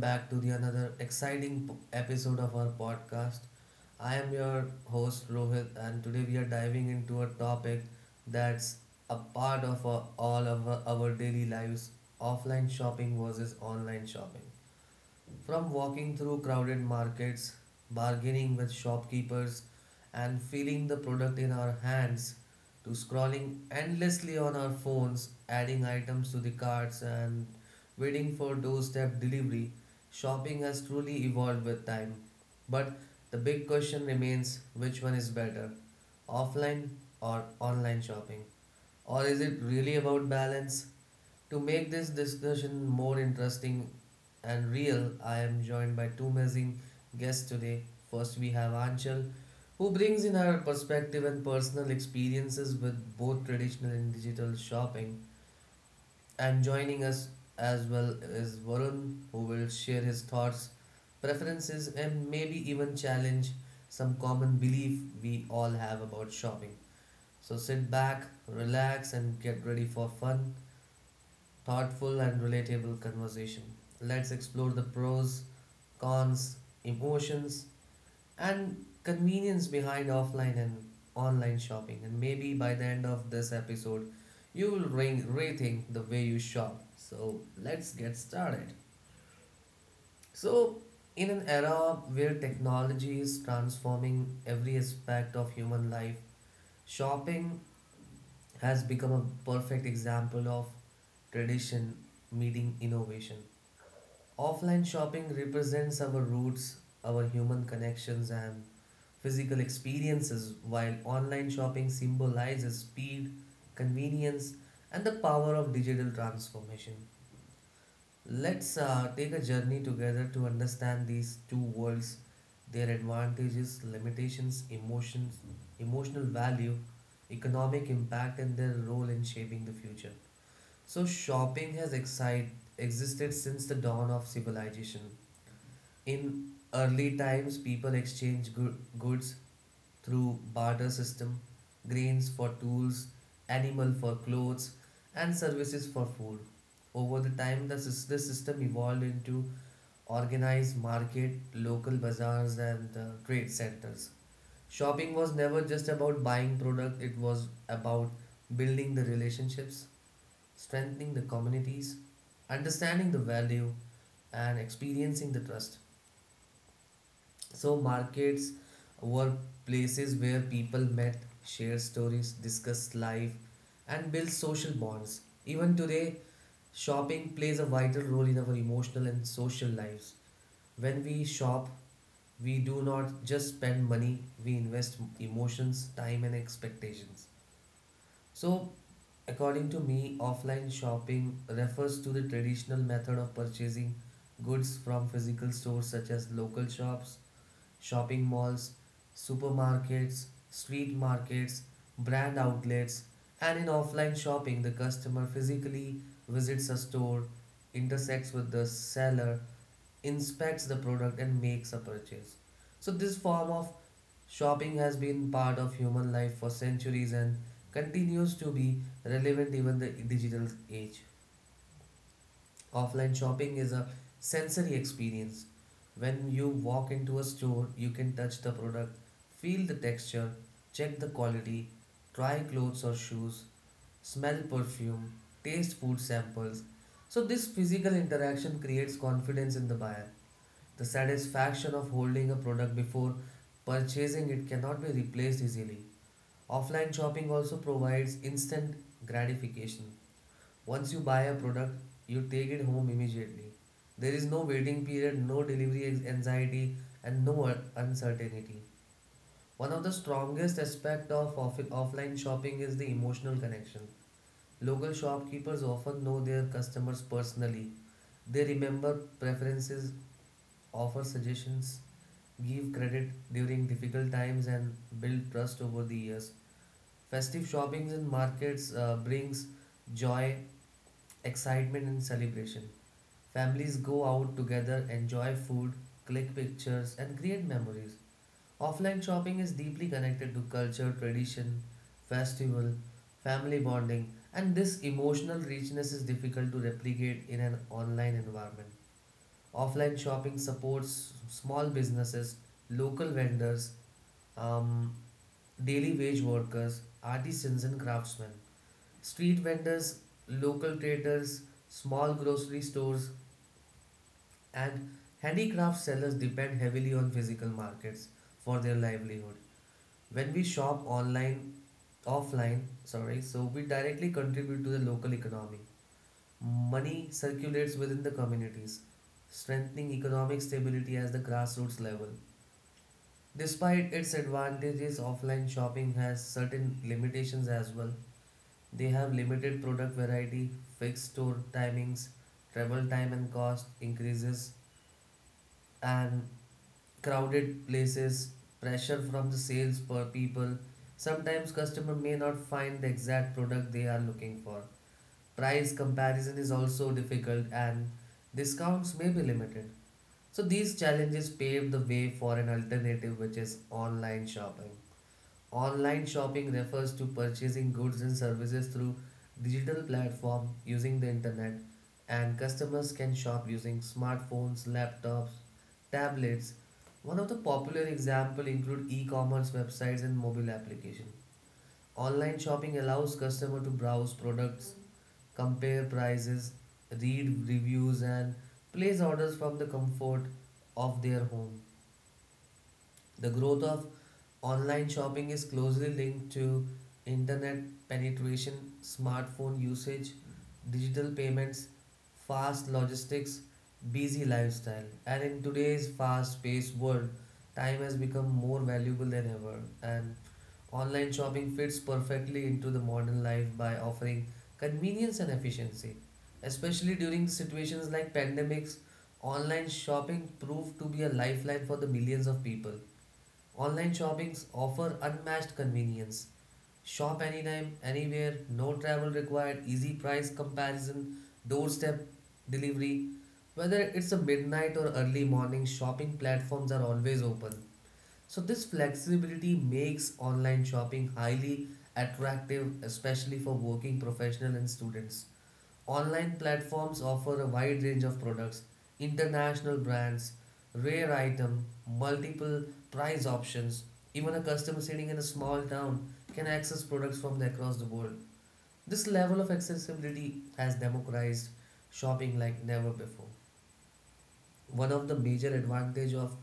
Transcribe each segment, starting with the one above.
back to the another exciting episode of our podcast. I am your host Rohit, and today we are diving into a topic that's a part of our, all of our, daily lives, offline shopping versus online shopping. From walking through crowded markets, bargaining with shopkeepers, and feeling the product in our hands, to scrolling endlessly on our phones, adding items to the carts, and waiting for doorstep delivery, shopping has truly evolved with time. But the big question remains: which one is better, offline or online shopping? Or is it really about balance? To make this discussion more interesting and real, I am joined by two amazing guests today. First, we have Anchal, who brings in her perspective and personal experiences with both traditional and digital shopping. And joining us as well is Varun, who will share his thoughts, preferences, and maybe even challenge some common belief we all have about shopping. So sit back, relax, and get ready for fun, thoughtful, and relatable conversation. Let's explore the pros, cons, emotions, and convenience behind offline and online shopping. And maybe by the end of this episode, you will rethink the way you shop. So, let's get started. So, in an era where technology is transforming every aspect of human life, shopping has become a perfect example of tradition meeting innovation. Offline shopping represents our roots, our human connections, and physical experiences, while online shopping symbolizes speed, convenience, and the power of digital transformation. Let's take a journey together to understand these two worlds, their advantages, limitations, emotions, emotional value, economic impact, and their role in shaping the future. So, shopping has existed since the dawn of civilization. In early times, people exchanged goods through barter system, grains for tools, animal for clothes, and services for food. Over the time, this system evolved into organized market, local bazaars, and trade centers. Shopping was never just about buying product; it was about building the relationships, strengthening the communities, understanding the value, and experiencing the trust. So markets were places where people met, shared stories, discussed life, and built social bonds. Even today, shopping plays a vital role in our emotional and social lives. When we shop, we do not just spend money, we invest emotions, time, and expectations. So, according to me, offline shopping refers to the traditional method of purchasing goods from physical stores such as local shops, shopping malls, supermarkets, street markets, brand outlets. And in offline shopping, the customer physically visits a store, intersects with the seller, inspects the product, and makes a purchase. So, this form of shopping has been part of human life for centuries and continues to be relevant even in the digital age. Offline shopping is a sensory experience. When you walk into a store, you can touch the product, feel the texture, check the quality, try clothes or shoes, smell perfume, taste food samples. So, this physical interaction creates confidence in the buyer. The satisfaction of holding a product before purchasing it cannot be replaced easily. Offline shopping also provides instant gratification. Once you buy a product, you take it home immediately. There is no waiting period, no delivery anxiety, and no uncertainty. One of the strongest aspects of offline shopping is the emotional connection. Local shopkeepers often know their customers personally. They remember preferences, offer suggestions, give credit during difficult times, and build trust over the years. Festive shoppings in markets brings joy, excitement, and celebration. Families go out together, enjoy food, click pictures, and create memories. Offline shopping is deeply connected to culture, tradition, festival, family bonding, and this emotional richness is difficult to replicate in an online environment. Offline shopping supports small businesses, local vendors, um, daily wage workers, artisans, and craftsmen. Street vendors, local traders, small grocery stores, and handicraft sellers depend heavily on physical markets for their livelihood. When we shop online, offline, sorry, so we directly contribute to the local economy. Money circulates within the communities, strengthening economic stability at the grassroots level. Despite its advantages, offline shopping has certain limitations as well. They have limited product variety, fixed store timings, travel time and cost increases, and crowded places, pressure from the sales per people. Sometimes customer may not find the exact product they are looking for. Price comparison is also difficult and discounts may be limited. So these challenges pave the way for an alternative which is online shopping. Online shopping refers to purchasing goods and services through digital platform using the internet, and customers can shop using smartphones, laptops, tablets. One of the popular example include e-commerce websites and mobile application. Online shopping allows customer to browse products, compare prices, read reviews, and place orders from the comfort of their home. The growth of online shopping is closely linked to internet penetration, smartphone usage, digital payments, fast logistics, busy lifestyle. And in today's fast paced world, time has become more valuable than ever. And online shopping fits perfectly into the modern life by offering convenience and efficiency. Especially during situations like pandemics, online shopping proved to be a lifeline for the millions of people. Online shoppings offer unmatched convenience. Shop anytime, anywhere, no travel required, easy price comparison, doorstep delivery. Whether it's a midnight or early morning, shopping platforms are always open. So this flexibility makes online shopping highly attractive especially for working professionals and students. Online platforms offer a wide range of products, international brands, rare item, multiple price options. Even a customer sitting in a small town can access products from across the world. This level of accessibility has democratized shopping like never before. One of the major advantage of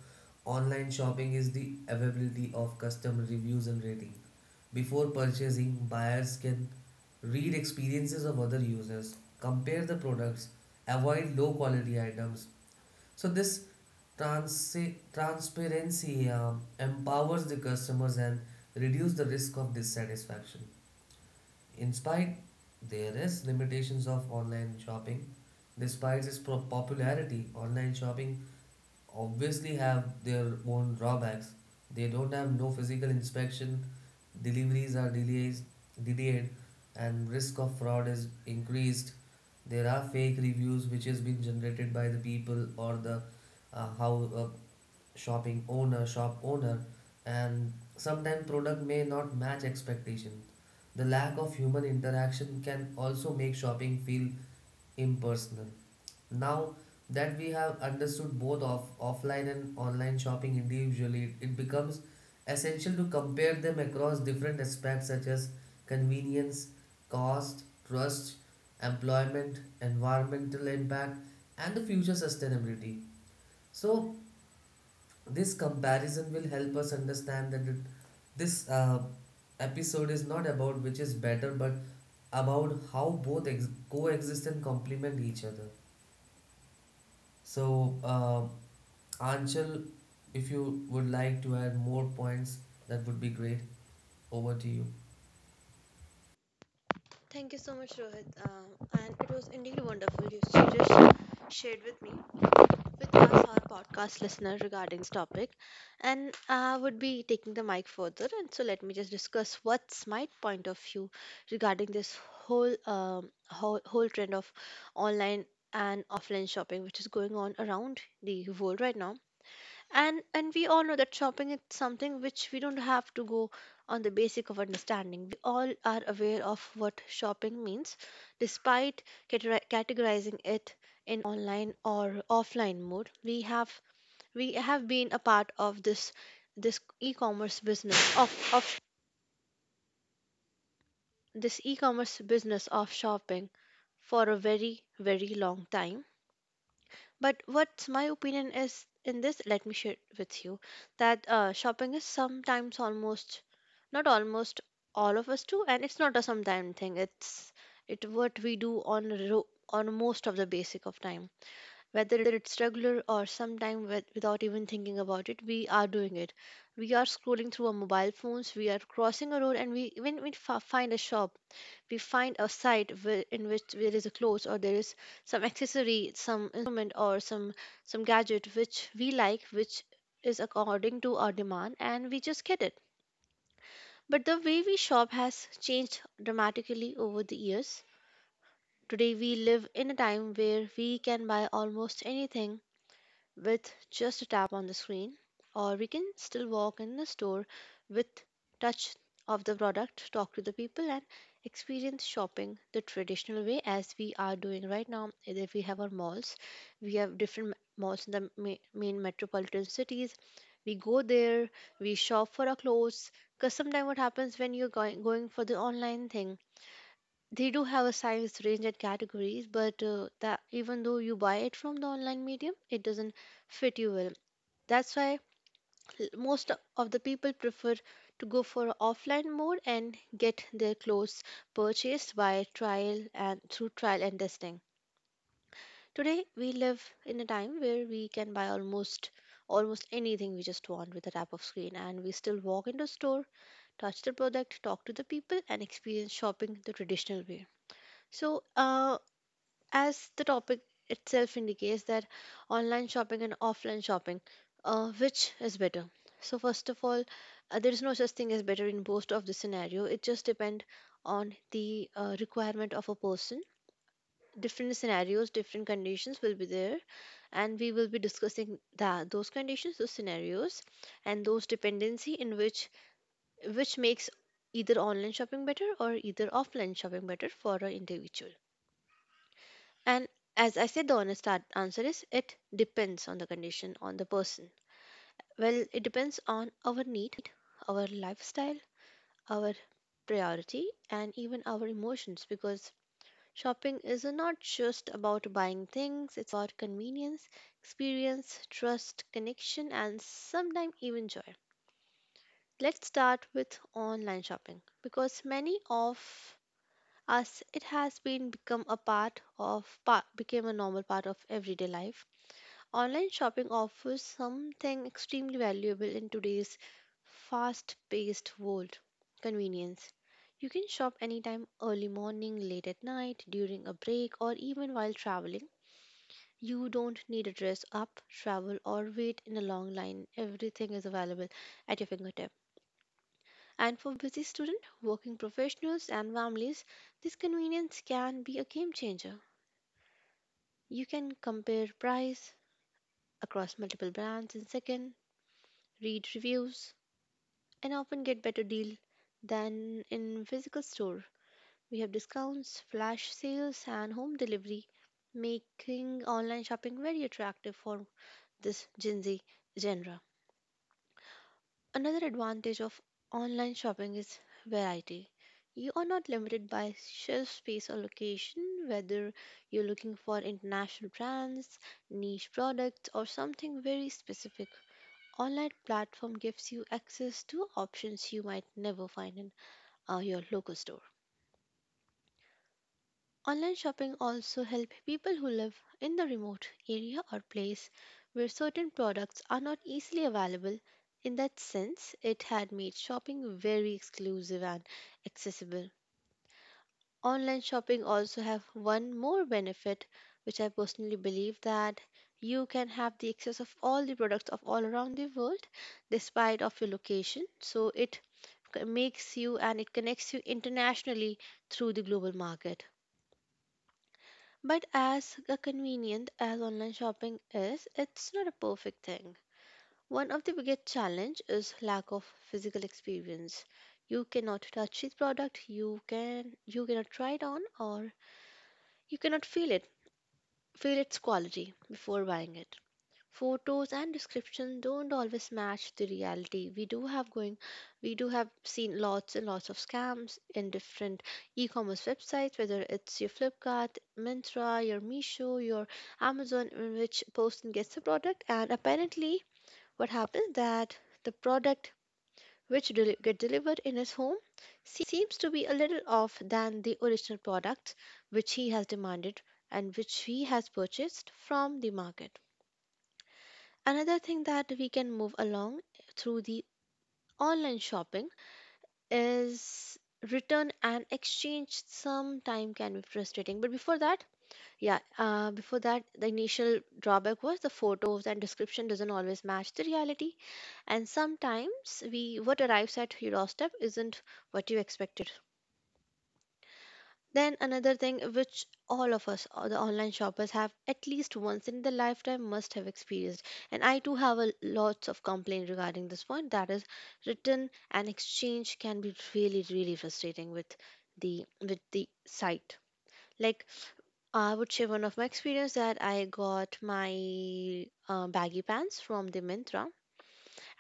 online shopping is the availability of customer reviews and rating. Before purchasing, buyers can read experiences of other users, compare the products, avoid low quality items. So this trans- transparency empowers the customers and reduce the risk of dissatisfaction. In spite, there is limitations of online shopping. Despite its popularity, online shopping obviously have their own drawbacks. They don't have no physical inspection, deliveries are delayed, and risk of fraud is increased. There are fake reviews which has been generated by the people or the how a shopping owner, shop owner, and sometimes product may not match expectation. The lack of human interaction can also make shopping feel impersonal. Now that we have understood both of offline and online shopping individually, it becomes essential to compare them across different aspects such as convenience, cost, trust, employment, environmental impact, and the future sustainability. So this comparison will help us understand that it, this episode is not about which is better, but about how both coexist and complement each other. So, Anchal, if you would like to add more points, that would be great. Over to you. Thank you so much, Rohit. And it was indeed wonderful you just shared with me, with us, our podcast listener, regarding this topic. And I would be taking the mic further. And so let me just discuss what's my point of view regarding this whole, whole trend of online and offline shopping, which is going on around the world right now. And we all know that shopping is something which we don't have to go on the basic of understanding. We all are aware of what shopping means. Despite categorizing it in online or offline mode, we have been a part of this e-commerce business of this e-commerce business of shopping for a very long time. But what's my opinion is in this, let me share with you that shopping is sometimes almost, not almost, all of us do, and it's not a sometime thing. It's it what we do on on most of the basic of time, whether it's regular or sometime with, without even thinking about it. We are doing it, we are scrolling through our mobile phones, we are crossing a road, and we when we find a shop, we find a site where, in which there is a clothes or there is some accessory, some instrument, or some gadget which we like, which is according to our demand, and we just get it. But the way we shop has changed dramatically over the years. Today, we live in a time where we can buy almost anything with just a tap on the screen, or we can still walk in the store with touch of the product, talk to the people, and experience shopping the traditional way as we are doing right now. If we have our malls, we have different malls in the main metropolitan cities. We go there, we shop for our clothes. Because sometimes what happens when you're going, going for the online thing, they do have a size range and categories, but that even though you buy it from the online medium, it doesn't fit you well. That's why most of the people prefer to go for offline mode and get their clothes purchased by trial and through trial and testing. Today we live in a time where we can buy almost anything we just want with a tap of screen, and we still walk into store, touch the product, talk to the people, and experience shopping the traditional way. So uh as the topic itself indicates that online shopping and offline shopping, which is better? So first of all, there is no such thing as better in both of the scenario. It just depends on the requirement of a person. Different scenarios, different conditions will be there, and we will be discussing that those conditions, those scenarios, and those dependency in which makes either online shopping better or either offline shopping better for an individual. And as I said, the honest answer is it depends on the condition, on the person. Well, it depends on our need, our lifestyle, our priority, and even our emotions, because shopping is not just about buying things. It's about convenience, experience, trust, connection, and sometimes even joy. Let's start with online shopping, because many of us it has been become a part of became a normal part of everyday life. Online shopping offers something extremely valuable in today's fast paced world: convenience. You can shop anytime, early morning, late at night, during a break, or even while traveling. You don't need to dress up, travel, or wait in a long line. Everything is available at your fingertip. And for busy students, working professionals, and families, this convenience can be a game changer. You can compare price across multiple brands in seconds, read reviews, and often get better deal than in physical store. We have discounts, flash sales, and home delivery, making online shopping very attractive for this Gen Z genre. Another advantage of online shopping is variety. You are not limited by shelf space or location, whether you're looking for international brands, niche products, or something very specific. Online platform gives you access to options you might never find in your local store. Online shopping also help people who live in the remote area or place where certain products are not easily available. In that sense, it had made shopping very exclusive and accessible. Online shopping also have one more benefit which I personally believe, that you can have the access of all the products of all around the world despite of your location. So it makes you, and it connects you internationally through the global market. But as a convenient as online shopping is, it's not a perfect thing. One of the biggest challenge is lack of physical experience. You cannot touch the product, you can you cannot try it on, or you cannot feel it, feel its quality before buying it. Photos and description don't always match the reality. We do have going, we do have seen lots and lots of scams in different e-commerce websites, whether it's your Flipkart, mintra your Meesho, your Amazon, in which person gets the product, and apparently what happens that the product which get delivered in his home seems to be a little off than the original product which he has demanded and which he has purchased from the market. Another thing that we can move along through the online shopping is return and exchange sometime can be frustrating. But before that, yeah, before that, the initial drawback was the photos and description doesn't always match the reality, and sometimes we what arrives at your doorstep isn't what you expected. Then another thing which all of us, or the online shoppers, have at least once in their lifetime must have experienced, and I too have a lots of complaint regarding this point. That is, return and exchange can be really, really frustrating with the site. Like I would share one of my experience, that I got my baggy pants from the Myntra.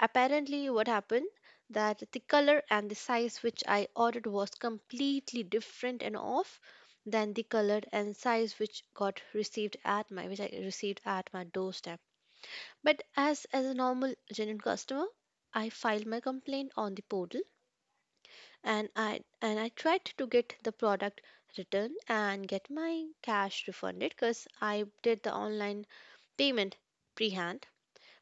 Apparently, what happened that the color and the size which I ordered was completely different and off than the color and size which got received at my which I received at my doorstep. But as a normal genuine customer, I filed my complaint on the portal, and I tried to get the product returned and get my cash refunded, because I did the online payment prehand.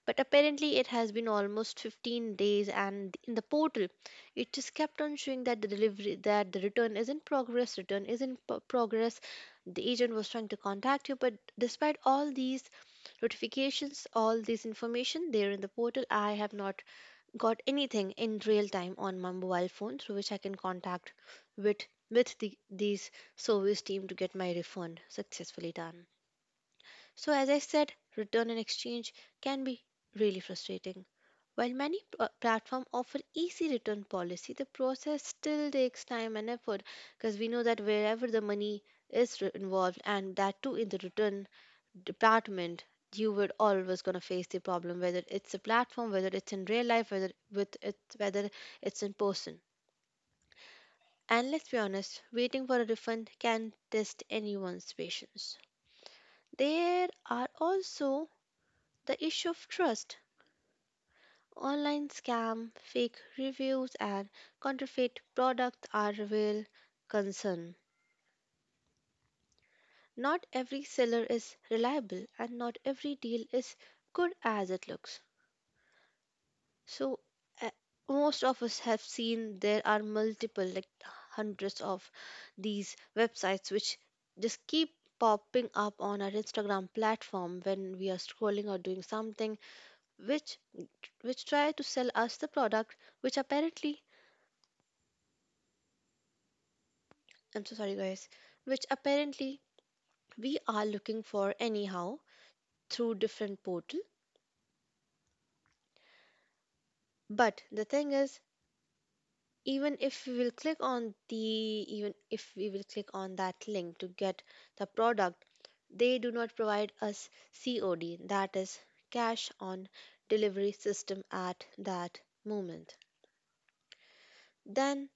But apparently, it has been almost 15 days, and in the portal, it just kept on showing that the delivery, that the return is in progress, return is in progress. The agent was trying to contact you, but despite all these notifications, all this information there in the portal, I have not got anything in real time on my mobile phone through which I can contact with these service team to get my refund successfully done. So as I said, return and exchange can be really frustrating. While many platforms offer easy return policy, the process still takes time and effort, because we know that wherever the money is involved, and that too in the return department, you would always gonna face the problem, whether it's a platform, whether it's in real life, whether with it, whether it's in person. And let's be honest, waiting for a refund can test anyone's patience. There are also the issue of trust. Online scam, fake reviews, and counterfeit products are a real concern. Not every seller is reliable, and not every deal is good as it looks. So, uh, most of us have seen there are multiple, like hundreds of these websites which just keep popping up on our Instagram platform when we are scrolling or doing something, which which try to sell us the product which apparently, I'm so sorry, guys, which apparently we are looking for anyhow through different portal. But the thing is, even if we will click on the even if we will click on that link to get the product, they do not provide us COD, that is cash on delivery system at that moment. Then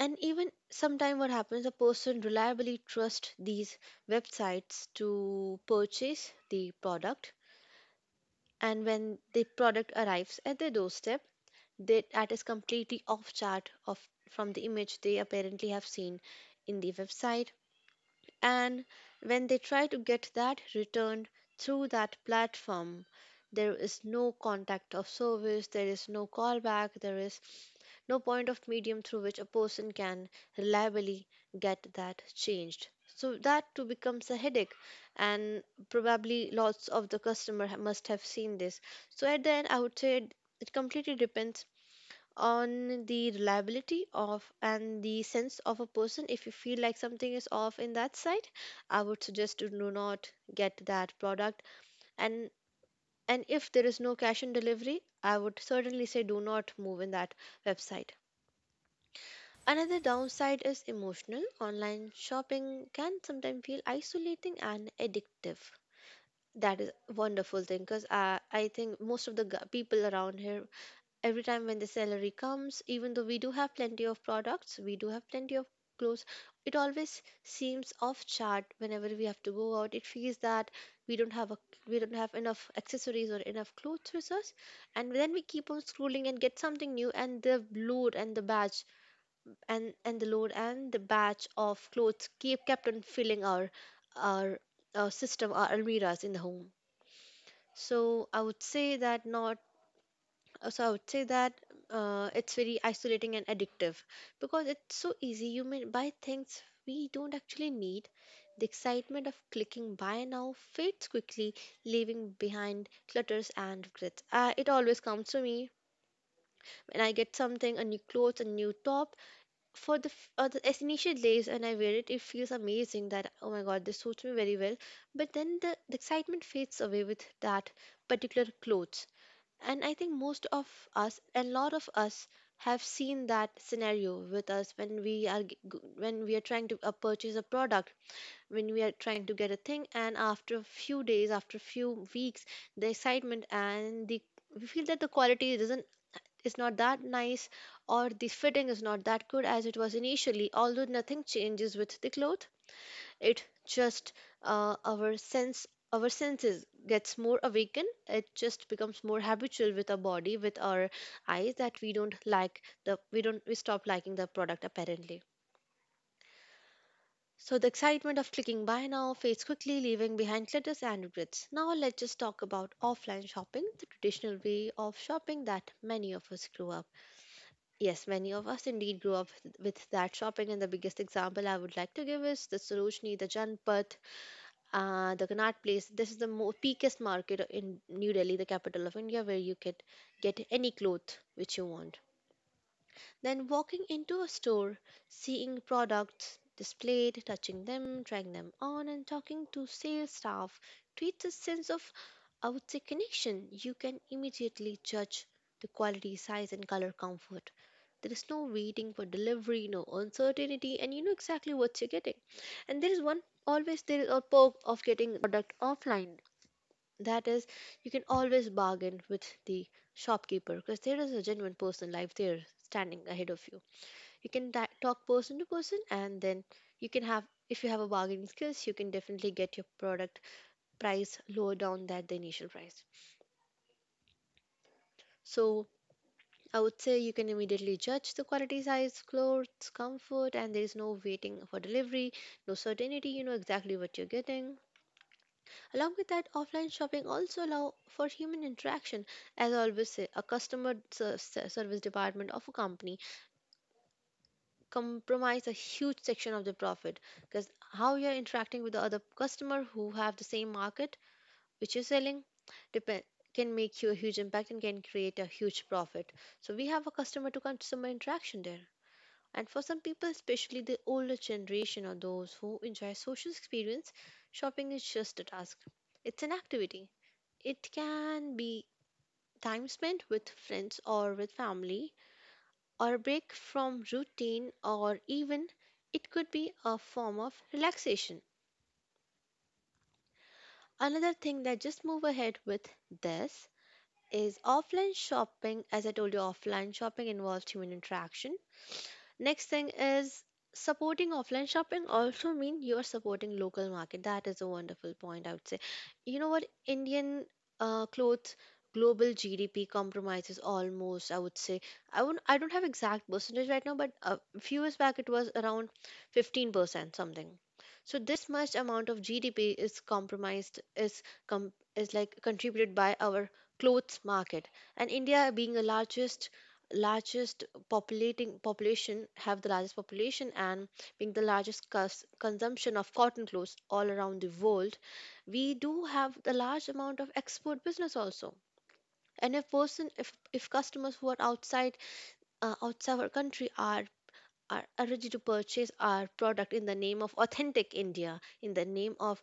and even sometime what happens, a person reliably trusts these websites to purchase the product, and when the product arrives at their doorstep they, that is completely off chart of from the image they apparently have seen in the website. And when they try to get that returned through that platform, there is no contact of service, there is no callback, there is no point of medium through which a person can reliably get that changed. So that too becomes a headache, and probably lots of the customer must have seen this. So at the end, I would say it completely depends on the reliability of and the sense of a person. If you feel like something is off in that side, I would suggest to do not get that product, and and if there is no cash on delivery, I would certainly say do not move in that website. Another downside is emotional online shopping can sometimes feel isolating and addictive. That is a wonderful thing because I think most of the people around here, every time when the salary comes, even though we do have plenty of products, we do have plenty of clothes, it always seems off chart. Whenever we have to go out, it feels that we don't have a we don't have enough accessories or enough clothes with us, and then we keep on scrolling and get something new, and the load and the batch and the load and the batch of clothes keep kept on filling our, our system, our almiras in the home. So I would say that not So I would say that it's very isolating and addictive because it's so easy. You may buy things we don't actually need. The excitement of clicking buy now fades quickly, leaving behind clutters and regrets. It always comes to me when I get something, a new clothes, a new top for the initial days, and I wear it. It feels amazing that oh my god, this suits me very well. But then the excitement fades away with that particular clothes, and I think most of us, a lot of us, have seen that scenario with us when we are g- g- when we are trying to purchase a product, when we are trying to get a thing, and after a few days, after a few weeks, the excitement and the we feel that the quality isn't is not that nice, or the fitting is not that good as it was initially. Although nothing changes with the clothes, it just uh, our sense our senses gets more awakened. It just becomes more habitual with our body, with our eyes, that we don't like the we don't we stop liking the product apparently. So the excitement of clicking buy now fades quickly, leaving behind clutters and regrets. Now let's just talk about offline shopping, the traditional way of shopping that many of us grew up. Yes, many of us indeed grew up with that shopping, and the biggest example I would like to give is the Sarojini, the Janpat, the Connaught Place. This is the peakest market in New Delhi, the capital of India, where you can get any cloth which you want. Then walking into a store, seeing products displayed, touching them, trying them on, and talking to sales staff creates a sense of, I would say, connection. You can immediately judge the quality, size, and color comfort. There is no waiting for delivery, no uncertainty, and you know exactly what you're getting. And there is a perk of getting the product offline, that is you can always bargain with the shopkeeper, because there is a genuine person life there standing ahead of you. You can talk person to person, and then you can have if you have a bargaining skills, you can definitely get your product price lower down than the initial price. So I would say you can immediately judge the quality, size, clothes comfort, and there is no waiting for delivery, no certainty, you know exactly what you're getting. Along with that, offline shopping also allow for human interaction. As I always say, a customer service department of a company compromise a huge section of the profit, because how you're interacting with the other customer who have the same market which you're selling depend can make you a huge impact and can create a huge profit. So we have a customer to customer interaction there. And for some people, especially the older generation or those who enjoy social experience, shopping is just a task. It's an activity. It can be time spent with friends or with family, or a break from routine, or even it could be a form of relaxation. Another thing that just move ahead with this is offline shopping. As I told you, offline shopping involves human interaction. Next thing is supporting offline shopping also mean you are supporting local market. That is a wonderful point, I would say. You know what? Indian clothes global GDP compromises almost, I would say. I won't, I don't have exact percentage right now, but a few years back it was around 15% something. So this much amount of GDP is compromised, is like contributed by our clothes market. And India being the largest populating population have the largest population, and being the largest consumption of cotton clothes all around the world, we do have the large amount of export business also. And if person if customers who are outside our country are ready to purchase our product in the name of authentic India, in the name of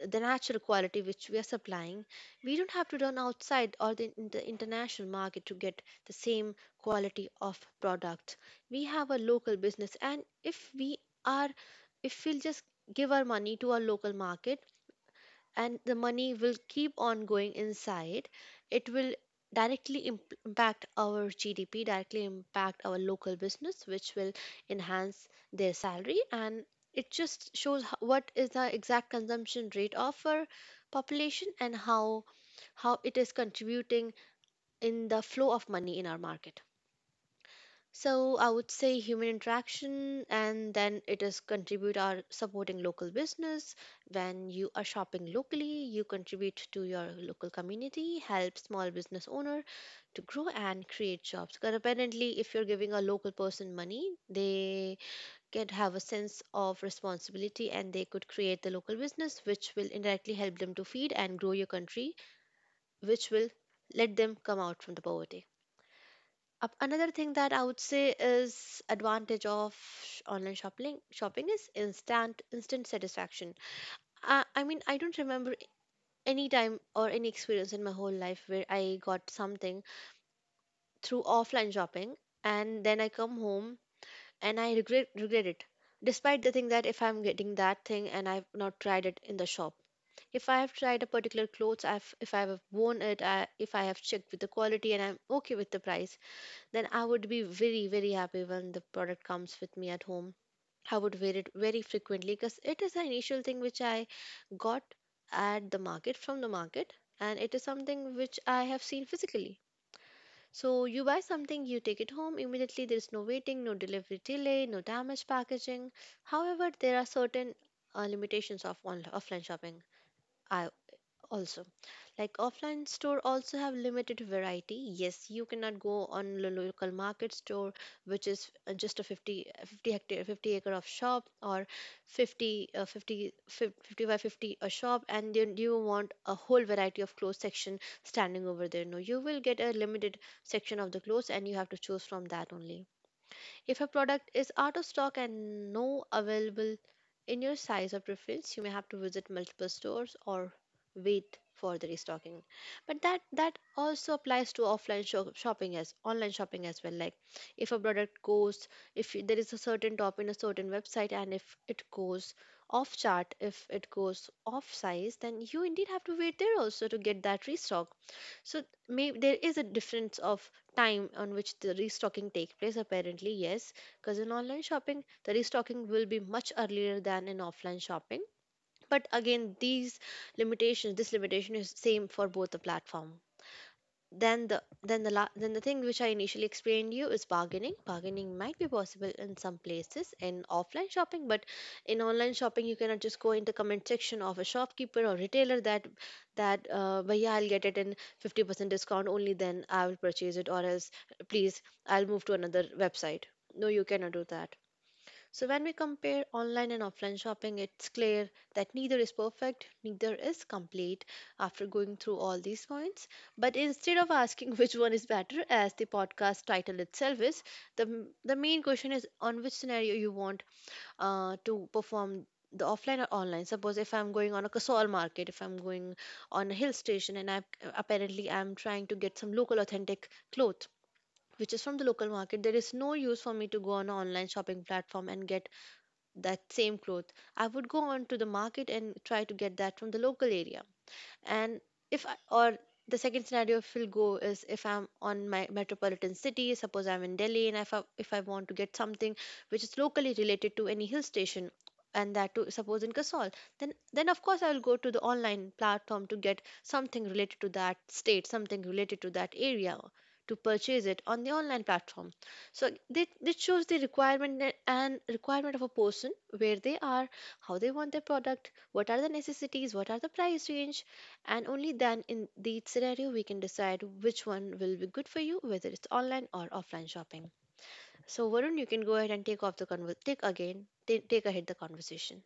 the natural quality which we are supplying, we don't have to run outside, in the international market to get the same quality of product. We have a local business, and are, if we'll just give our money to our local market, and the money will keep on going inside, it will directly impact our GDP, directly impact our local business, which will enhance their salary. And it just shows what is the exact consumption rate of our population, and how it is contributing in the flow of money in our market. So I would say human interaction, and then it is contribute are supporting local business. When you are shopping locally, you contribute to your local community, help small business owner to grow and create jobs. Because apparently, if you're giving a local person money, they can have a sense of responsibility and they could create the local business, which will indirectly help them to feed and grow your country, which will let them come out from the poverty. Up another thing that I would say is advantage of online shopping is instant satisfaction. I mean I don't remember any time or any experience in my whole life where I got something through offline shopping and then I come home and I regret it. Despite the thing that if I'm getting that thing and I've not tried it in the shop, if I have tried a particular clothes, I've if I have worn it, if I have checked with the quality and I'm okay with the price, then I would be very, very happy when the product comes with me at home. I would wear it very frequently because it is an initial thing which I got at the market from the market, and it is something which I have seen physically. So you buy something, you take it home immediately. There is no waiting, no delivery delay, no damaged packaging. However, there are certain limitations of offline shopping. I also like offline store also have limited variety. Yes, you cannot go on local market store which is just a fifty 50 hectare 50 acre of shop, or 50 by 50 a shop, and then you want a whole variety of clothes section standing over there. No, you will get a limited section of the clothes, and you have to choose from that only. If a product is out of stock and no available in your size or preference, you may have to visit multiple stores or wait for the restocking. But that also applies to offline shopping as online shopping as well. Like if a product goes, if y- there is a certain top in a certain website, and if it goes off chart, if it goes off size, then you indeed have to wait there also to get that restock. So maybe there is a difference of time on which the restocking takes place apparently. Yes, because in online shopping the restocking will be much earlier than in offline shopping, but again, these limitations this limitation is same for both the platform. Then the thing which I initially explained you is bargaining. Bargaining might be possible in some places in offline shopping, but in online shopping you cannot just go in the comment section of a shopkeeper or retailer that but yeah, I'll get it in 50% discount only, then I will purchase it, or else please I'll move to another website. No, you cannot do that. So, when we compare online and offline shopping, it's clear that neither is perfect, neither is complete after going through all these points. But instead of asking which one is better, as the podcast title itself is, the, the main question is on which scenario you want to perform, the offline or online. Suppose if I'm going on a Kasol market, if I'm going on a hill station and I apparently I'm trying to get some local authentic cloth which is from the local market, there is no use for me to go on an online shopping platform and get that same cloth. I would go on to the market and try to get that from the local area. And if I, or the second scenario if we'll go is, if I'm on my metropolitan city, suppose I'm in Delhi, and if I, if I want to get something which is locally related to any hill station and that too suppose in Kasol, then of course I will go to the online platform to get something related to that state, something related to that area, to purchase it on the online platform. So this shows the requirement and requirement of a person, where they are, how they want their product, what are the necessities, what are the price range, and only then in the scenario we can decide which one will be good for you, whether it's online or offline shopping. So Varun, you can go ahead and take off the take again take ahead the conversation.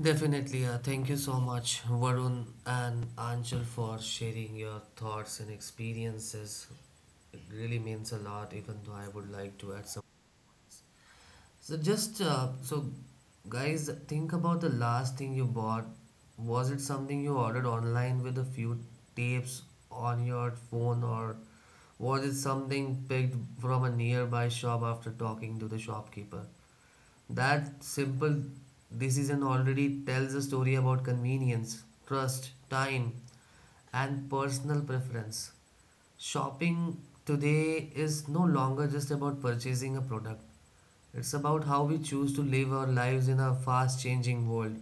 Definitely, thank you so much, Varun and Anchal, for sharing your thoughts and experiences. It really means a lot, even though I would like to add. So just so guys, think about the last thing you bought. Was it something you ordered online with a few tapes on your phone, or was it something picked from a nearby shop after talking to the shopkeeper? That simple decision already tells a story about convenience, trust, time and personal preference. Shopping today is no longer just about purchasing a product. It's about how we choose to live our lives in a fast changing world.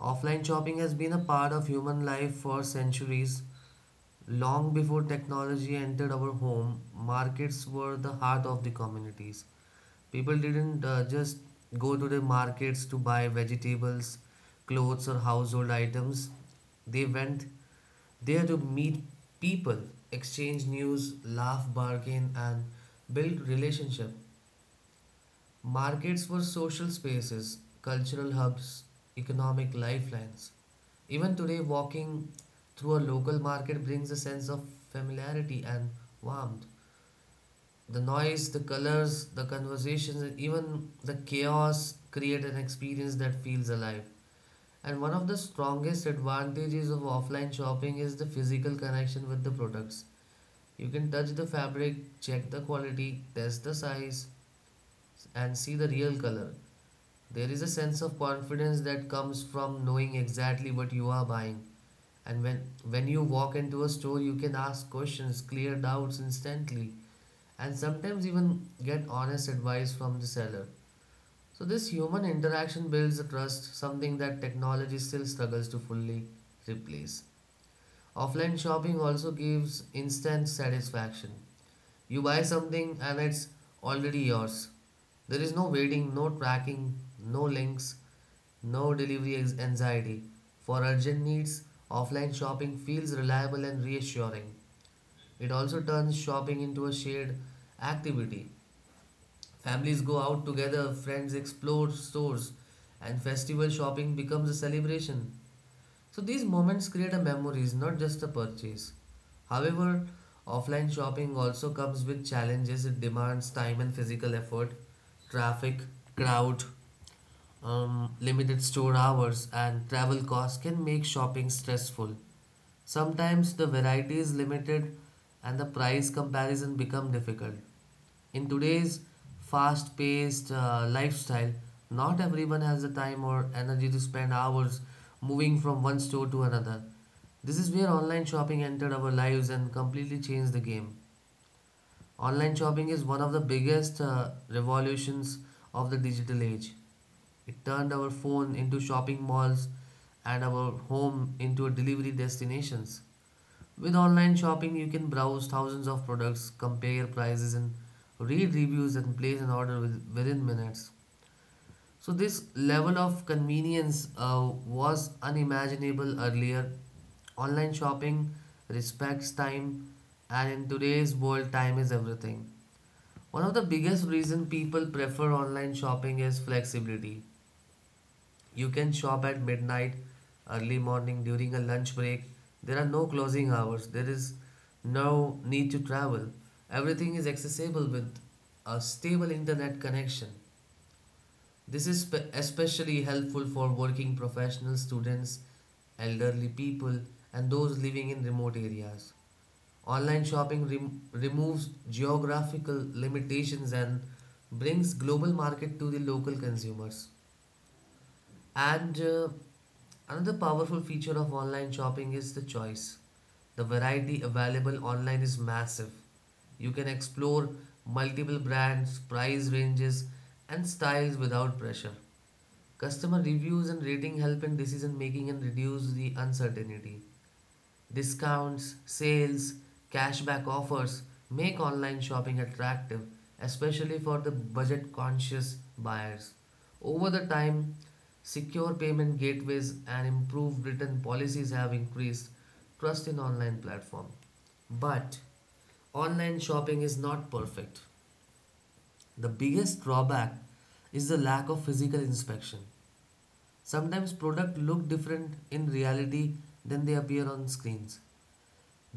Offline shopping has been a part of human life for centuries. Long before technology entered our home, markets were the heart of the communities. People didn't just go to the markets to buy vegetables, clothes, or household items. They went there to meet people, exchange news, laugh, bargain, and build relationship. Markets were social spaces, cultural hubs, economic lifelines. Even today, walking through a local market brings a sense of familiarity and warmth. The noise, the colors, the conversations, and even the chaos create an experience that feels alive. And one of the strongest advantages of offline shopping is the physical connection with the products. You can touch the fabric, check the quality, test the size, and see the real color. There is a sense of confidence that comes from knowing exactly what you are buying. And when you walk into a store, you can ask questions, clear doubts instantly, and sometimes even get honest advice from the seller. So, this human interaction builds a trust, something that technology still struggles to fully replace. Offline shopping also gives instant satisfaction. You buy something and it's already yours. There is no waiting, no tracking, no links, no delivery anxiety. For urgent needs, offline shopping feels reliable and reassuring. It also turns shopping into a shared activity. Families go out together, friends explore stores, and festival shopping becomes a celebration. So these moments create a memories, not just a purchase. However, offline shopping also comes with challenges. It demands time and physical effort, traffic, crowd, limited store hours and travel costs can make shopping stressful. Sometimes the variety is limited and the price comparison become difficult. In today's fast-paced lifestyle, not everyone has the time or energy to spend hours moving from one store to another. This is where online shopping entered our lives and completely changed the game. Online shopping is one of the biggest revolutions of the digital age. It turned our phone into shopping malls and our home into delivery destinations. With online shopping, you can browse thousands of products, compare prices, and read reviews and place an order within minutes. So this level of convenience was unimaginable earlier. Online shopping respects time, and in today's world, time is everything. One of the biggest reasons people prefer online shopping is flexibility. You can shop at midnight, early morning, during a lunch break. There are no closing hours. There is no need to travel. Everything is accessible with a stable internet connection. This is especially helpful for working professionals, students, elderly people, and those living in remote areas. Online shopping removes geographical limitations and brings global market to the local consumers. And another powerful feature of online shopping is the choice. The variety available online is massive. You can explore multiple brands, price ranges, and styles without pressure. Customer reviews and rating help in decision making and reduce the uncertainty. Discounts, sales, cashback offers make online shopping attractive, especially for the budget conscious buyers. Over the time, secure payment gateways and improved return policies have increased trust in online platform. But online shopping is not perfect. The biggest drawback is the lack of physical inspection. Sometimes products look different in reality than they appear on screens.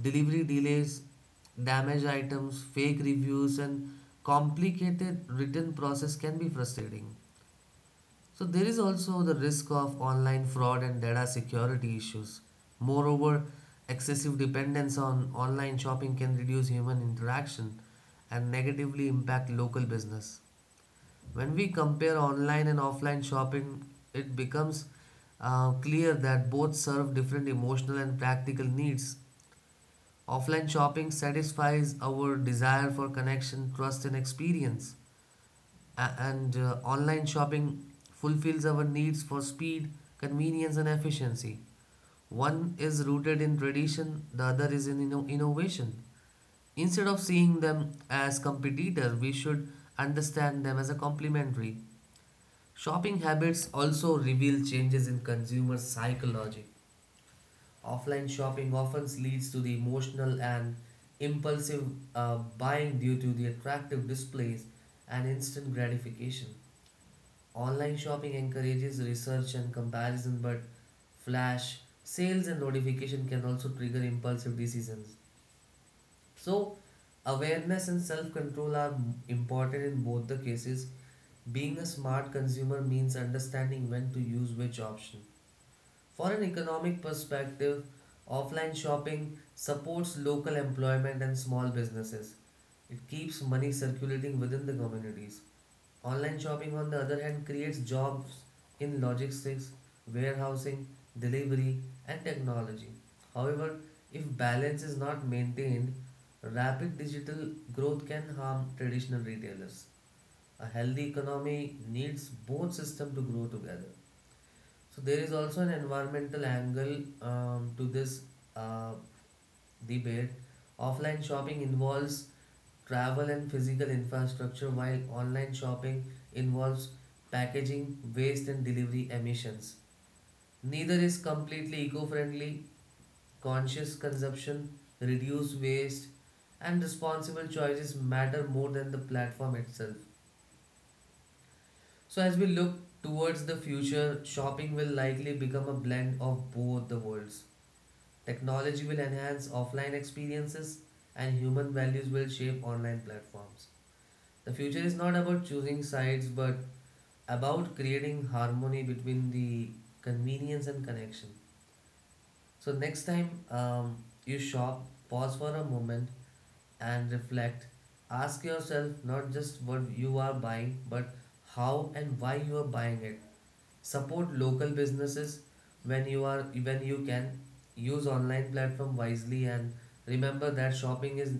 Delivery delays, damaged items, fake reviews, and complicated written process can be frustrating. So there is also the risk of online fraud and data security issues. Moreover, excessive dependence on online shopping can reduce human interaction and negatively impact local business. When we compare online and offline shopping, it becomes clear that both serve different emotional and practical needs. Offline shopping satisfies our desire for connection, trust, and experience, and online shopping fulfills our needs for speed, convenience, and efficiency. One is rooted in tradition, the other is in innovation. Instead of seeing them as competitor, we should understand them as a complementary. Shopping habits also reveal changes in consumer psychology. Offline shopping often leads to the emotional and impulsive buying due to the attractive displays and instant gratification. Online shopping encourages research and comparison, but flash sales and notification can also trigger impulsive decisions. So, awareness and self control are important in both the cases. Being a smart consumer means understanding when to use which option for an economic perspective. Offline shopping supports local employment and small businesses. It keeps money circulating within the communities. Online shopping, on the other hand, creates jobs in logistics, warehousing, delivery, and technology. However, if balance is not maintained, rapid digital growth can harm traditional retailers. A healthy economy needs both systems to grow together. So there is also an environmental angle to this uh, debate. Offline shopping involves travel and physical infrastructure, while online shopping involves packaging, waste, and delivery emissions. Neither is completely eco friendly. Conscious consumption, reduced waste, and responsible choices matter more than the platform itself. So, as we look towards the future, shopping will likely become a blend of both the worlds. Technology will enhance offline experiences and human values will shape online platforms. The future is not about choosing sides but about creating harmony between the convenience and connection. So, next time you shop, pause for a moment and reflect. Ask yourself not just what you are buying but how and why you are buying it. Support local businesses when you can. Use online platform wisely and remember that shopping is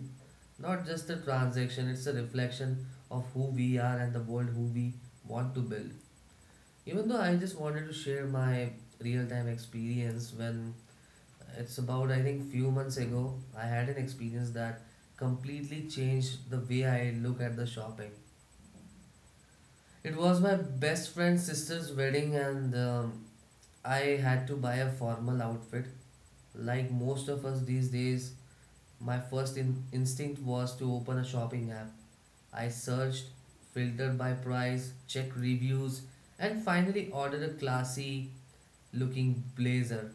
not just a transaction, it's a reflection of who we are and the world who we want to build. Even though I just wanted to share my real-time experience when it's about, I think few months ago I had an experience that completely changed the way I look at the shopping. It was my best friend's sister's wedding, and I had to buy a formal outfit. Like most of us these days, my first instinct was to open a shopping app. I searched, filtered by price, checked reviews, and finally ordered a classy looking blazer.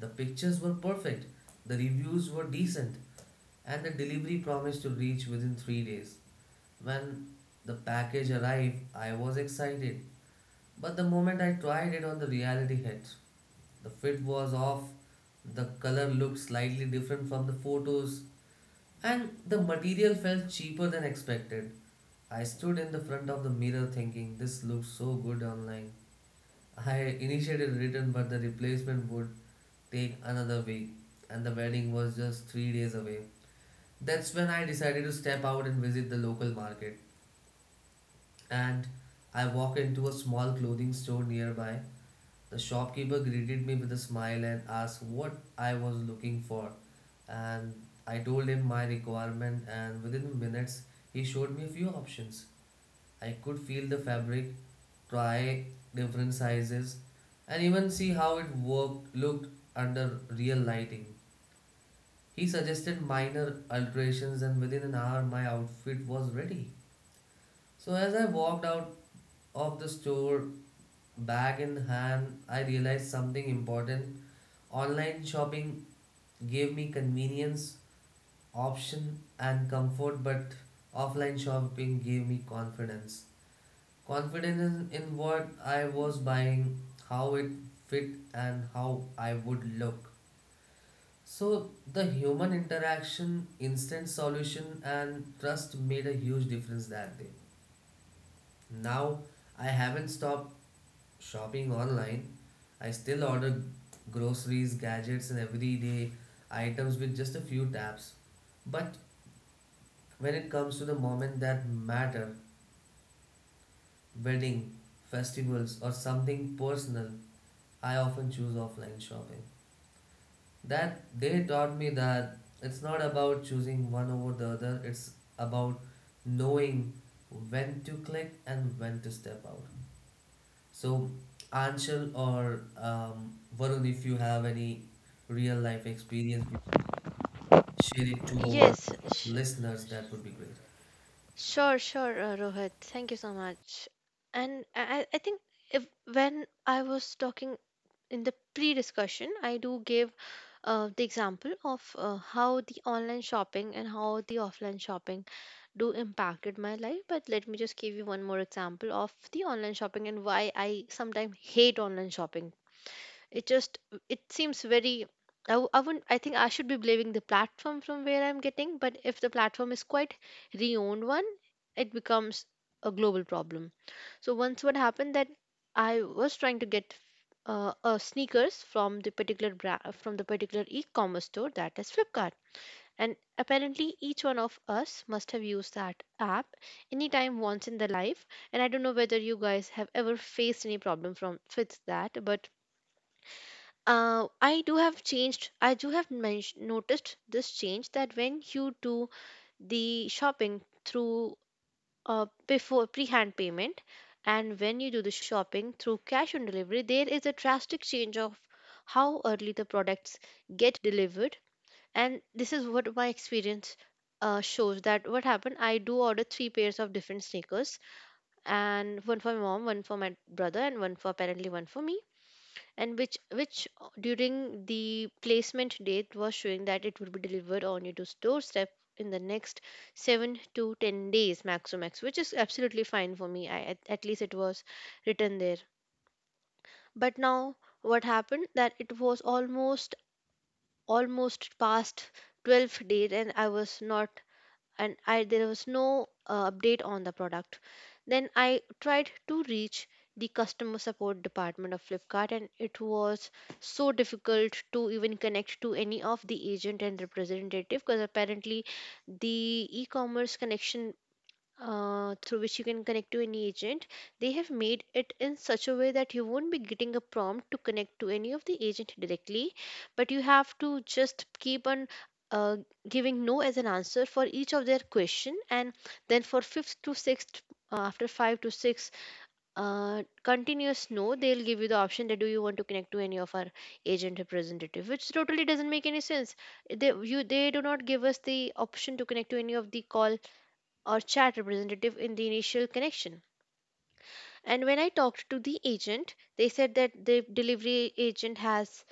The pictures were perfect, the reviews were decent, and the delivery promised to reach within 3 days. When the package arrived, I was excited, but the moment I tried it on, the reality hit. The fit was off, the color looked slightly different from the photos, and the material felt cheaper than expected. I stood in the front of the mirror thinking, this looks so good online. I initiated a return, but the replacement would take another week, and the wedding was just 3 days away. That's when I decided to step out and visit the local market. And I walked into a small clothing store nearby. The shopkeeper greeted me with a smile and asked what I was looking for. And I told him my requirement, and within minutes, he showed me a few options. I could feel the fabric, try different sizes, and even see how it looked under real lighting. He suggested minor alterations, and within an hour, my outfit was ready. So, as I walked out of the store, bag in hand, I realized something important. Online shopping gave me convenience, option, and comfort, but offline shopping gave me confidence. Confidence in what I was buying, how it fit, and how I would look. So, the human interaction, instant solution, and trust made a huge difference that day. Now, I haven't stopped shopping online, I still order groceries, gadgets, and everyday items with just a few taps. But when it comes to the moment that matter, wedding, festivals, or something personal, I often choose offline shopping. That they taught me that it's not about choosing one over the other, it's about knowing when to click and when to step out. So, Anshul or Varun, if you have any real life experience, we share it to our Yes, sh- listeners. That would be great. sure, sure. Rohit, thank you so much. And I think if when I was talking in the pre-discussion, I do give the example of how the online shopping and how the offline shopping do impacted my life. But let me just give you one more example of the online shopping and why I sometimes hate online shopping. It just, it seems very, I wouldn't, I think I should be blaming the platform from where I'm getting, but if the platform is quite re-owned one, it becomes a global problem. So once what happened, that I was trying to get sneakers from the particular from the particular e-commerce store, that is Flipkart, and apparently each one of us must have used that app anytime once in the life, and I don't know whether you guys have ever faced any problem from with that, but I do have changed. I do have noticed this change, that when you do the shopping through before pre-hand payment, and when you do the shopping through cash on delivery, there is a drastic change of how early the products get delivered. And this is what my experience shows, that what happened. I do order three pairs of different sneakers, and one for my mom, one for my brother, and one for apparently one for me, and which during the placement date was showing that it would be delivered on your doorstep in the next 7 to 10 days max to max, which is absolutely fine for me. I, at least it was written there. But now what happened, that it was almost past 12th date, and I there was no update on the product. Then I tried to reach the customer support department of Flipkart, and it was so difficult to even connect to any of the agent and representative, because apparently the e-commerce connection through which you can connect to any agent, they have made it in such a way that you won't be getting a prompt to connect to any of the agent directly, but you have to just keep on uh, giving no as an answer for each of their question, and then for fifth to sixth after five to six continuous no, they'll give you the option that do you want to connect to any of our agent representative, which totally doesn't make any sense. They You, they do not give us the option to connect to any of the call or chat representative in the initial connection. And when I talked to the agent, they said that the delivery agent has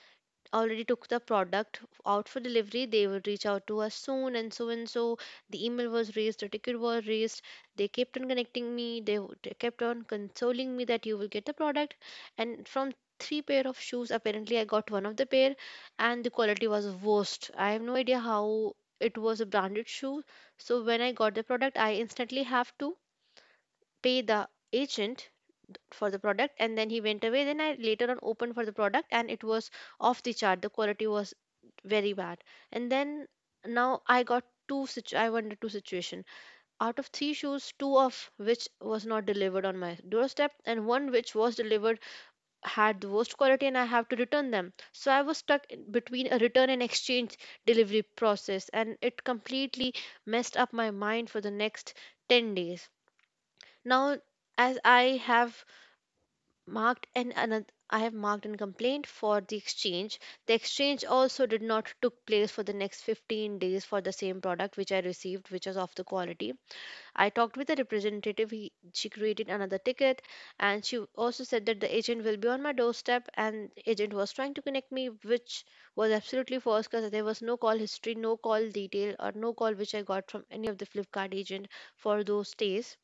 already took the product out for delivery. They will reach out to us soon and so and so. The email was raised, the ticket was raised. They kept on connecting me. They kept on consoling me that you will get the product. And from three pair of shoes, apparently I got one of the pair, and the quality was worst. I have no idea how it was a branded shoe. So when I got the product, I instantly have to pay the agent for the product, and then he went away. Then I later on opened for the product, and it was off the chart, the quality was very bad. And then now I got two I went to two situation out of three shoes, two of which was not delivered on my doorstep, and one which was delivered had the worst quality, and I have to return them. So I was stuck in between a return and exchange delivery process, and it completely messed up my mind for the next 10 days. Now as I have marked an another, I have marked and complained for the exchange. The exchange also did not took place for the next 15 days for the same product which I received, which was of the quality. I talked with the representative. He, she created another ticket, and she also said that the agent will be on my doorstep. And agent was trying to connect me, which was absolutely false, because there was no call history, no call detail, or no call which I got from any of the Flipkart agent for those days.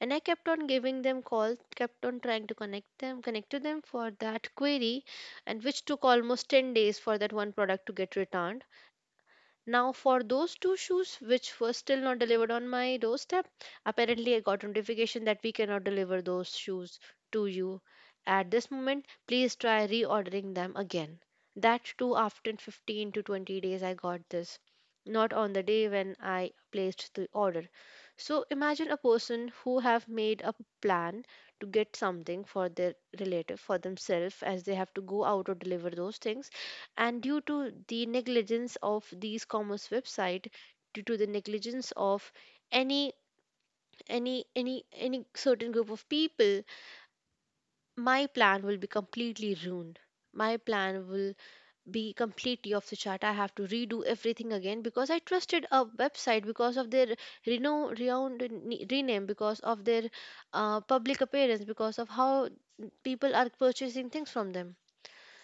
And I kept on giving them calls, kept on trying to connect to them for that query, and which took almost 10 days for that one product to get returned. Now, for those two shoes which were still not delivered on my doorstep, apparently I got notification that we cannot deliver those shoes to you. At this moment, please try reordering them again. That too, after 15 to 20 days, I got this, not on the day when I placed the order. So imagine a person who have made a plan to get something for their relative, for themselves, as they have to go out or deliver those things, and due to the negligence of these commerce website, due to the negligence of any any certain group of people, my plan will be completely ruined, my plan will be completely off the chart, I have to redo everything again, because I trusted a website because of their renowned rename, because of their public appearance, because of how people are purchasing things from them.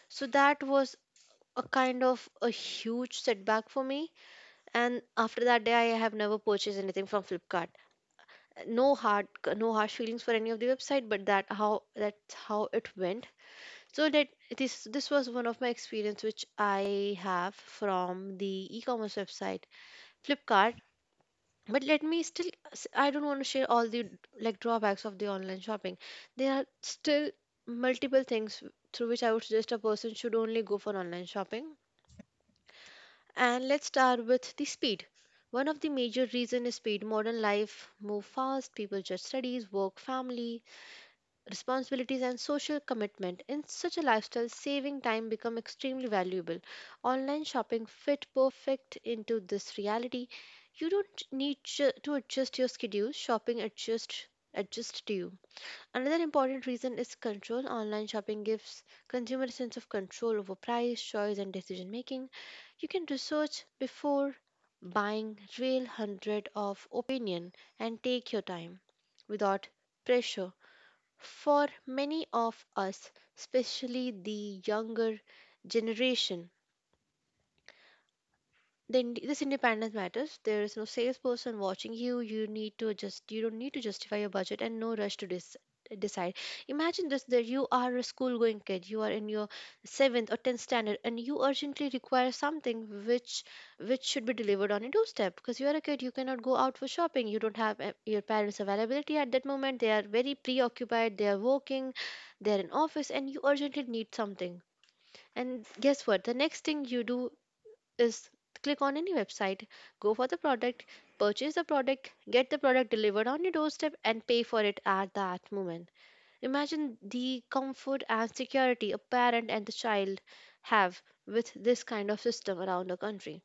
So that was a kind of a huge setback for me, and after that day I have never purchased anything from Flipkart. No hard, no harsh feelings for any of the website, but that how that's how it went. So that this was one of my experience which I have from the e-commerce website Flipkart. But let me still I don't want to share all the like drawbacks of the online shopping. There are still multiple things through which I would suggest a person should only go for online shopping. And let's start with the speed. One of the major reasons is speed. Modern life move fast, people just studies, work, family, responsibilities and social commitment. In such a lifestyle, saving time become extremely valuable. Online shopping fit perfect into this reality. You don't need to adjust your schedule, shopping adjust to you. Another important reason is control. Online shopping gives consumer a sense of control over price, choice, and decision making. You can research before buying, real hundred of opinion, and take your time without pressure. For many of us, especially the younger generation, then this independence matters. There is no salesperson watching you, you need to just, you don't need to justify your budget, and no rush to decide. Imagine this, that you are a school going kid, you are in your 7th or 10th standard, and you urgently require something which should be delivered on a doorstep, because you are a kid, you cannot go out for shopping, you don't have your parents availability at that moment, they are very preoccupied, they are working, they're in office, and you urgently need something, and guess what, the next thing you do is click on any website, go for the product, purchase the product, get the product delivered on your doorstep, and pay for it at that moment. Imagine the comfort and security a parent and the child have with this kind of system around the country.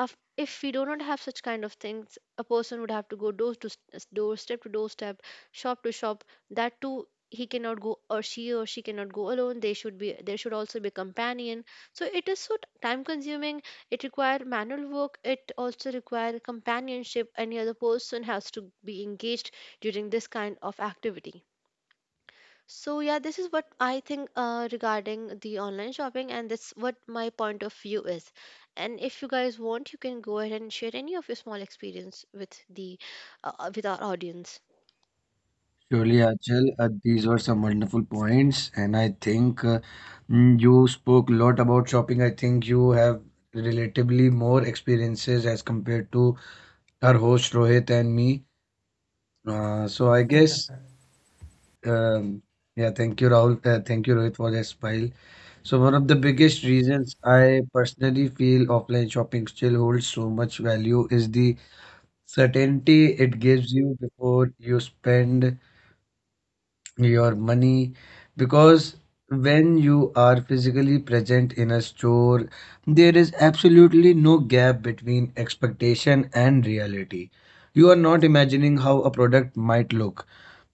Of, if we do not have such kind of things, a person would have to go door to doorstep to doorstep, shop to shop, that too he cannot go, or she cannot go alone, they should be there, should also be companion. So it is so time consuming, it require manual work, it also require companionship, any other person has to be engaged during this kind of activity. So yeah, this is what I think regarding the online shopping, and that's what my point of view is. And if you guys want, you can go ahead and share any of your small experience with the with our audience. Surely, Achal, these were some wonderful points, and I think you spoke a lot about shopping. I think you have relatively more experiences as compared to our host Rohit and me. Uh, so I guess, um, yeah, thank you, Rahul. Thank you, Rohit, for this pile. So one of the biggest reasons I personally feel offline shopping still holds so much value is the certainty it gives you before you spend your money, because when you are physically present in a store there is absolutely no gap between expectation and reality. You are not imagining how a product might look,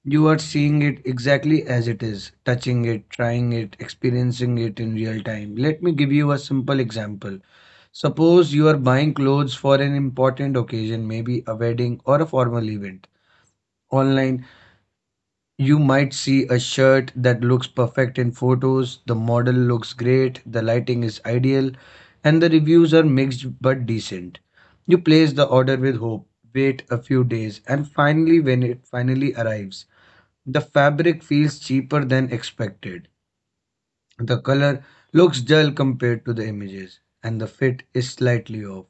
you are seeing it exactly as it is, touching it, trying it, experiencing it in real time. Let me give you a simple example. Suppose you are buying clothes for an important occasion, maybe a wedding or a formal event. Online, you might see a shirt that looks perfect in photos, the model looks great, the lighting is ideal, and the reviews are mixed but decent. You place the order with hope, wait a few days, and finally, when it finally arrives, the fabric feels cheaper than expected. The color looks dull compared to the images, and the fit is slightly off.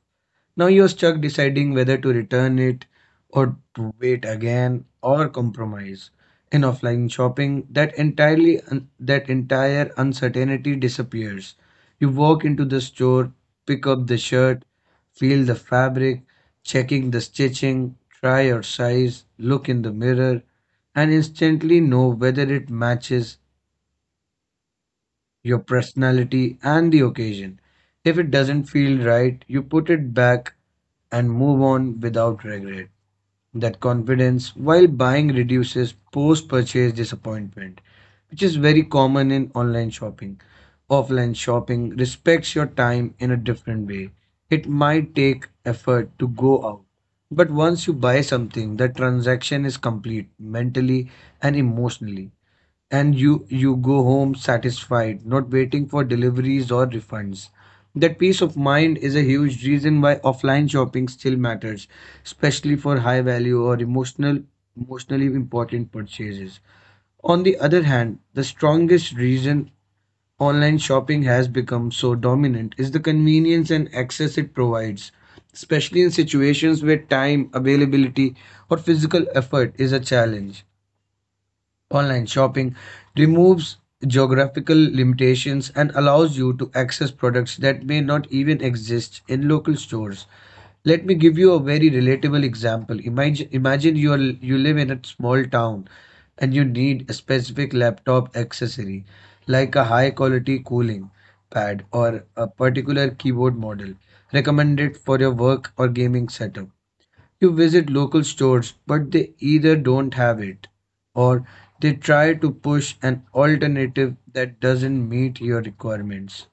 Now you're stuck deciding whether to return it or to wait again or compromise. In offline shopping, that entire uncertainty disappears. You walk into the store, pick up the shirt, feel the fabric, checking the stitching, try your size, look in the mirror, and instantly know whether it matches your personality, and the occasion. If it doesn't feel right, you put it back and move on without regret. That confidence while buying reduces post purchase disappointment, which is very common in online shopping. Offline shopping respects your time in a different way. It might take effort to go out, but once you buy something, the transaction is complete mentally and emotionally, and you go home satisfied, not waiting for deliveries or refunds. That peace of mind is a huge reason why offline shopping still matters, especially for high value or emotionally important purchases. On the other hand, the strongest reason online shopping has become so dominant is the convenience and access it provides, especially in situations where time, availability or physical effort is a challenge. Online shopping removes geographical limitations and allows you to access products that may not even exist in local stores. Let me give you a very relatable example. Imagine you are, you live in a small town and you need a specific laptop accessory, like a high quality cooling pad or a particular keyboard model recommended for your work or gaming setup. You visit local stores, but they either don't have it or they try to push an alternative that doesn't meet your requirements.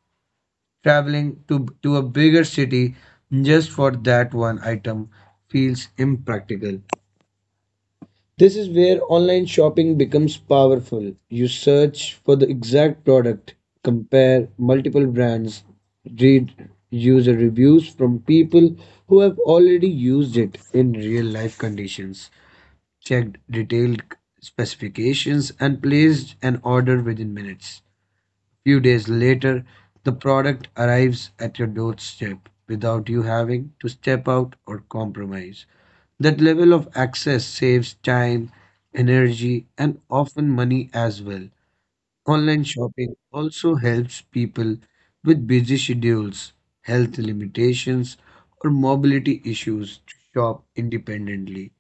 Traveling to a bigger city just for that one item feels impractical. This is where online shopping becomes powerful. You search for the exact product, compare multiple brands, read user reviews from people who have already used it in real life conditions, checked detailed specifications, and placed an order within minutes. Few days later, the product arrives at your doorstep without you having to step out or compromise. That level of access saves time, energy, and often money as well. Online shopping also helps people with busy schedules, health limitations, or mobility issues to shop independently.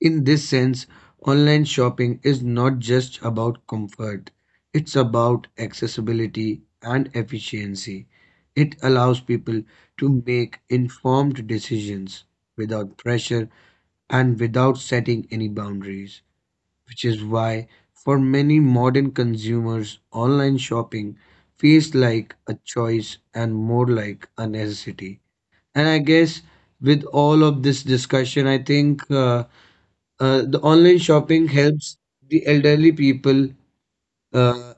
In this sense, online shopping is not just about comfort, it's about accessibility and efficiency. It allows people to make informed decisions without pressure and without setting any boundaries, which is why, for many modern consumers, online shopping feels like a choice and more like a necessity. And I guess, with all of this discussion, I think the online shopping helps the elderly people, uh,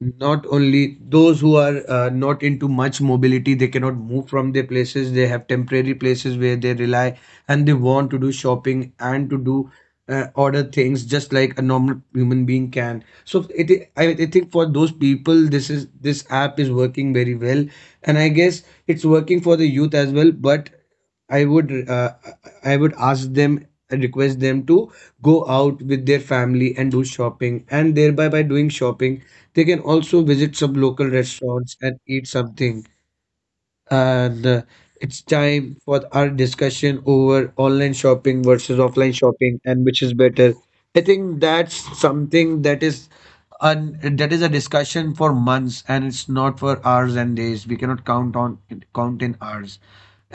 not only those who are not into much mobility, they cannot move from their places. They have temporary places where they rely and they want to do shopping and to do order things just like a normal human being can. So it, I think for those people, this app is working very well, and I guess it's working for the youth as well. But I would, I would ask them, request them to go out with their family and do shopping, and thereby by doing shopping they can also visit some local restaurants and eat something. And it's time for our discussion over online shopping versus offline shopping and which is better. I think that's something that is un that is a discussion for months, and it's not for hours and days. We cannot count in hours.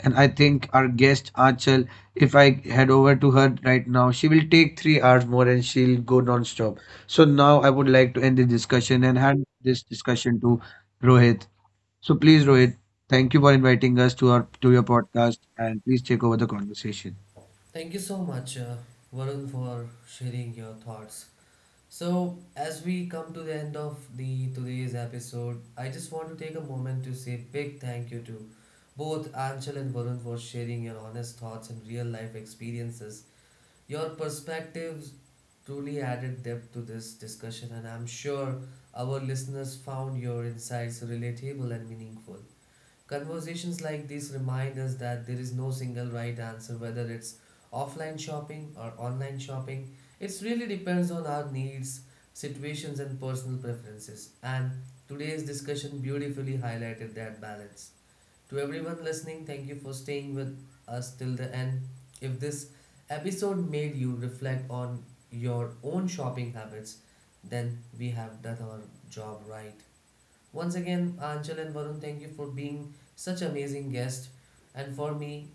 And I think our guest Achal, if I head over to her right now, she will take 3 hours more and she'll go non-stop. So now I would like to end the discussion and hand this discussion to Rohit. So please, Rohit, thank you for inviting us to our to your podcast, and please take over the conversation. Thank you so much, Varun, for sharing your thoughts. So, as we come to the end of the today's episode, I just want to take a moment to say big thank you to both Anshul and Varun for sharing your honest thoughts and real life experiences. Your perspectives truly added depth to this discussion, and I'm sure our listeners found your insights relatable and meaningful. Conversations like these remind us that there is no single right answer, whether it's offline shopping or online shopping. It really depends on our needs, situations, and personal preferences. And today's discussion beautifully highlighted that balance. To everyone listening, thank you for staying with us till the end. If this episode made you reflect on your own shopping habits, then we have done our job right. Once again, Anchal and Varun, thank you for being such amazing guests. And for me,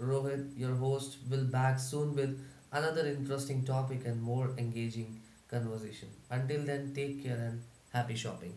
Rohit, your host, will back soon with another interesting topic and more engaging conversation. Until then, take care and happy shopping.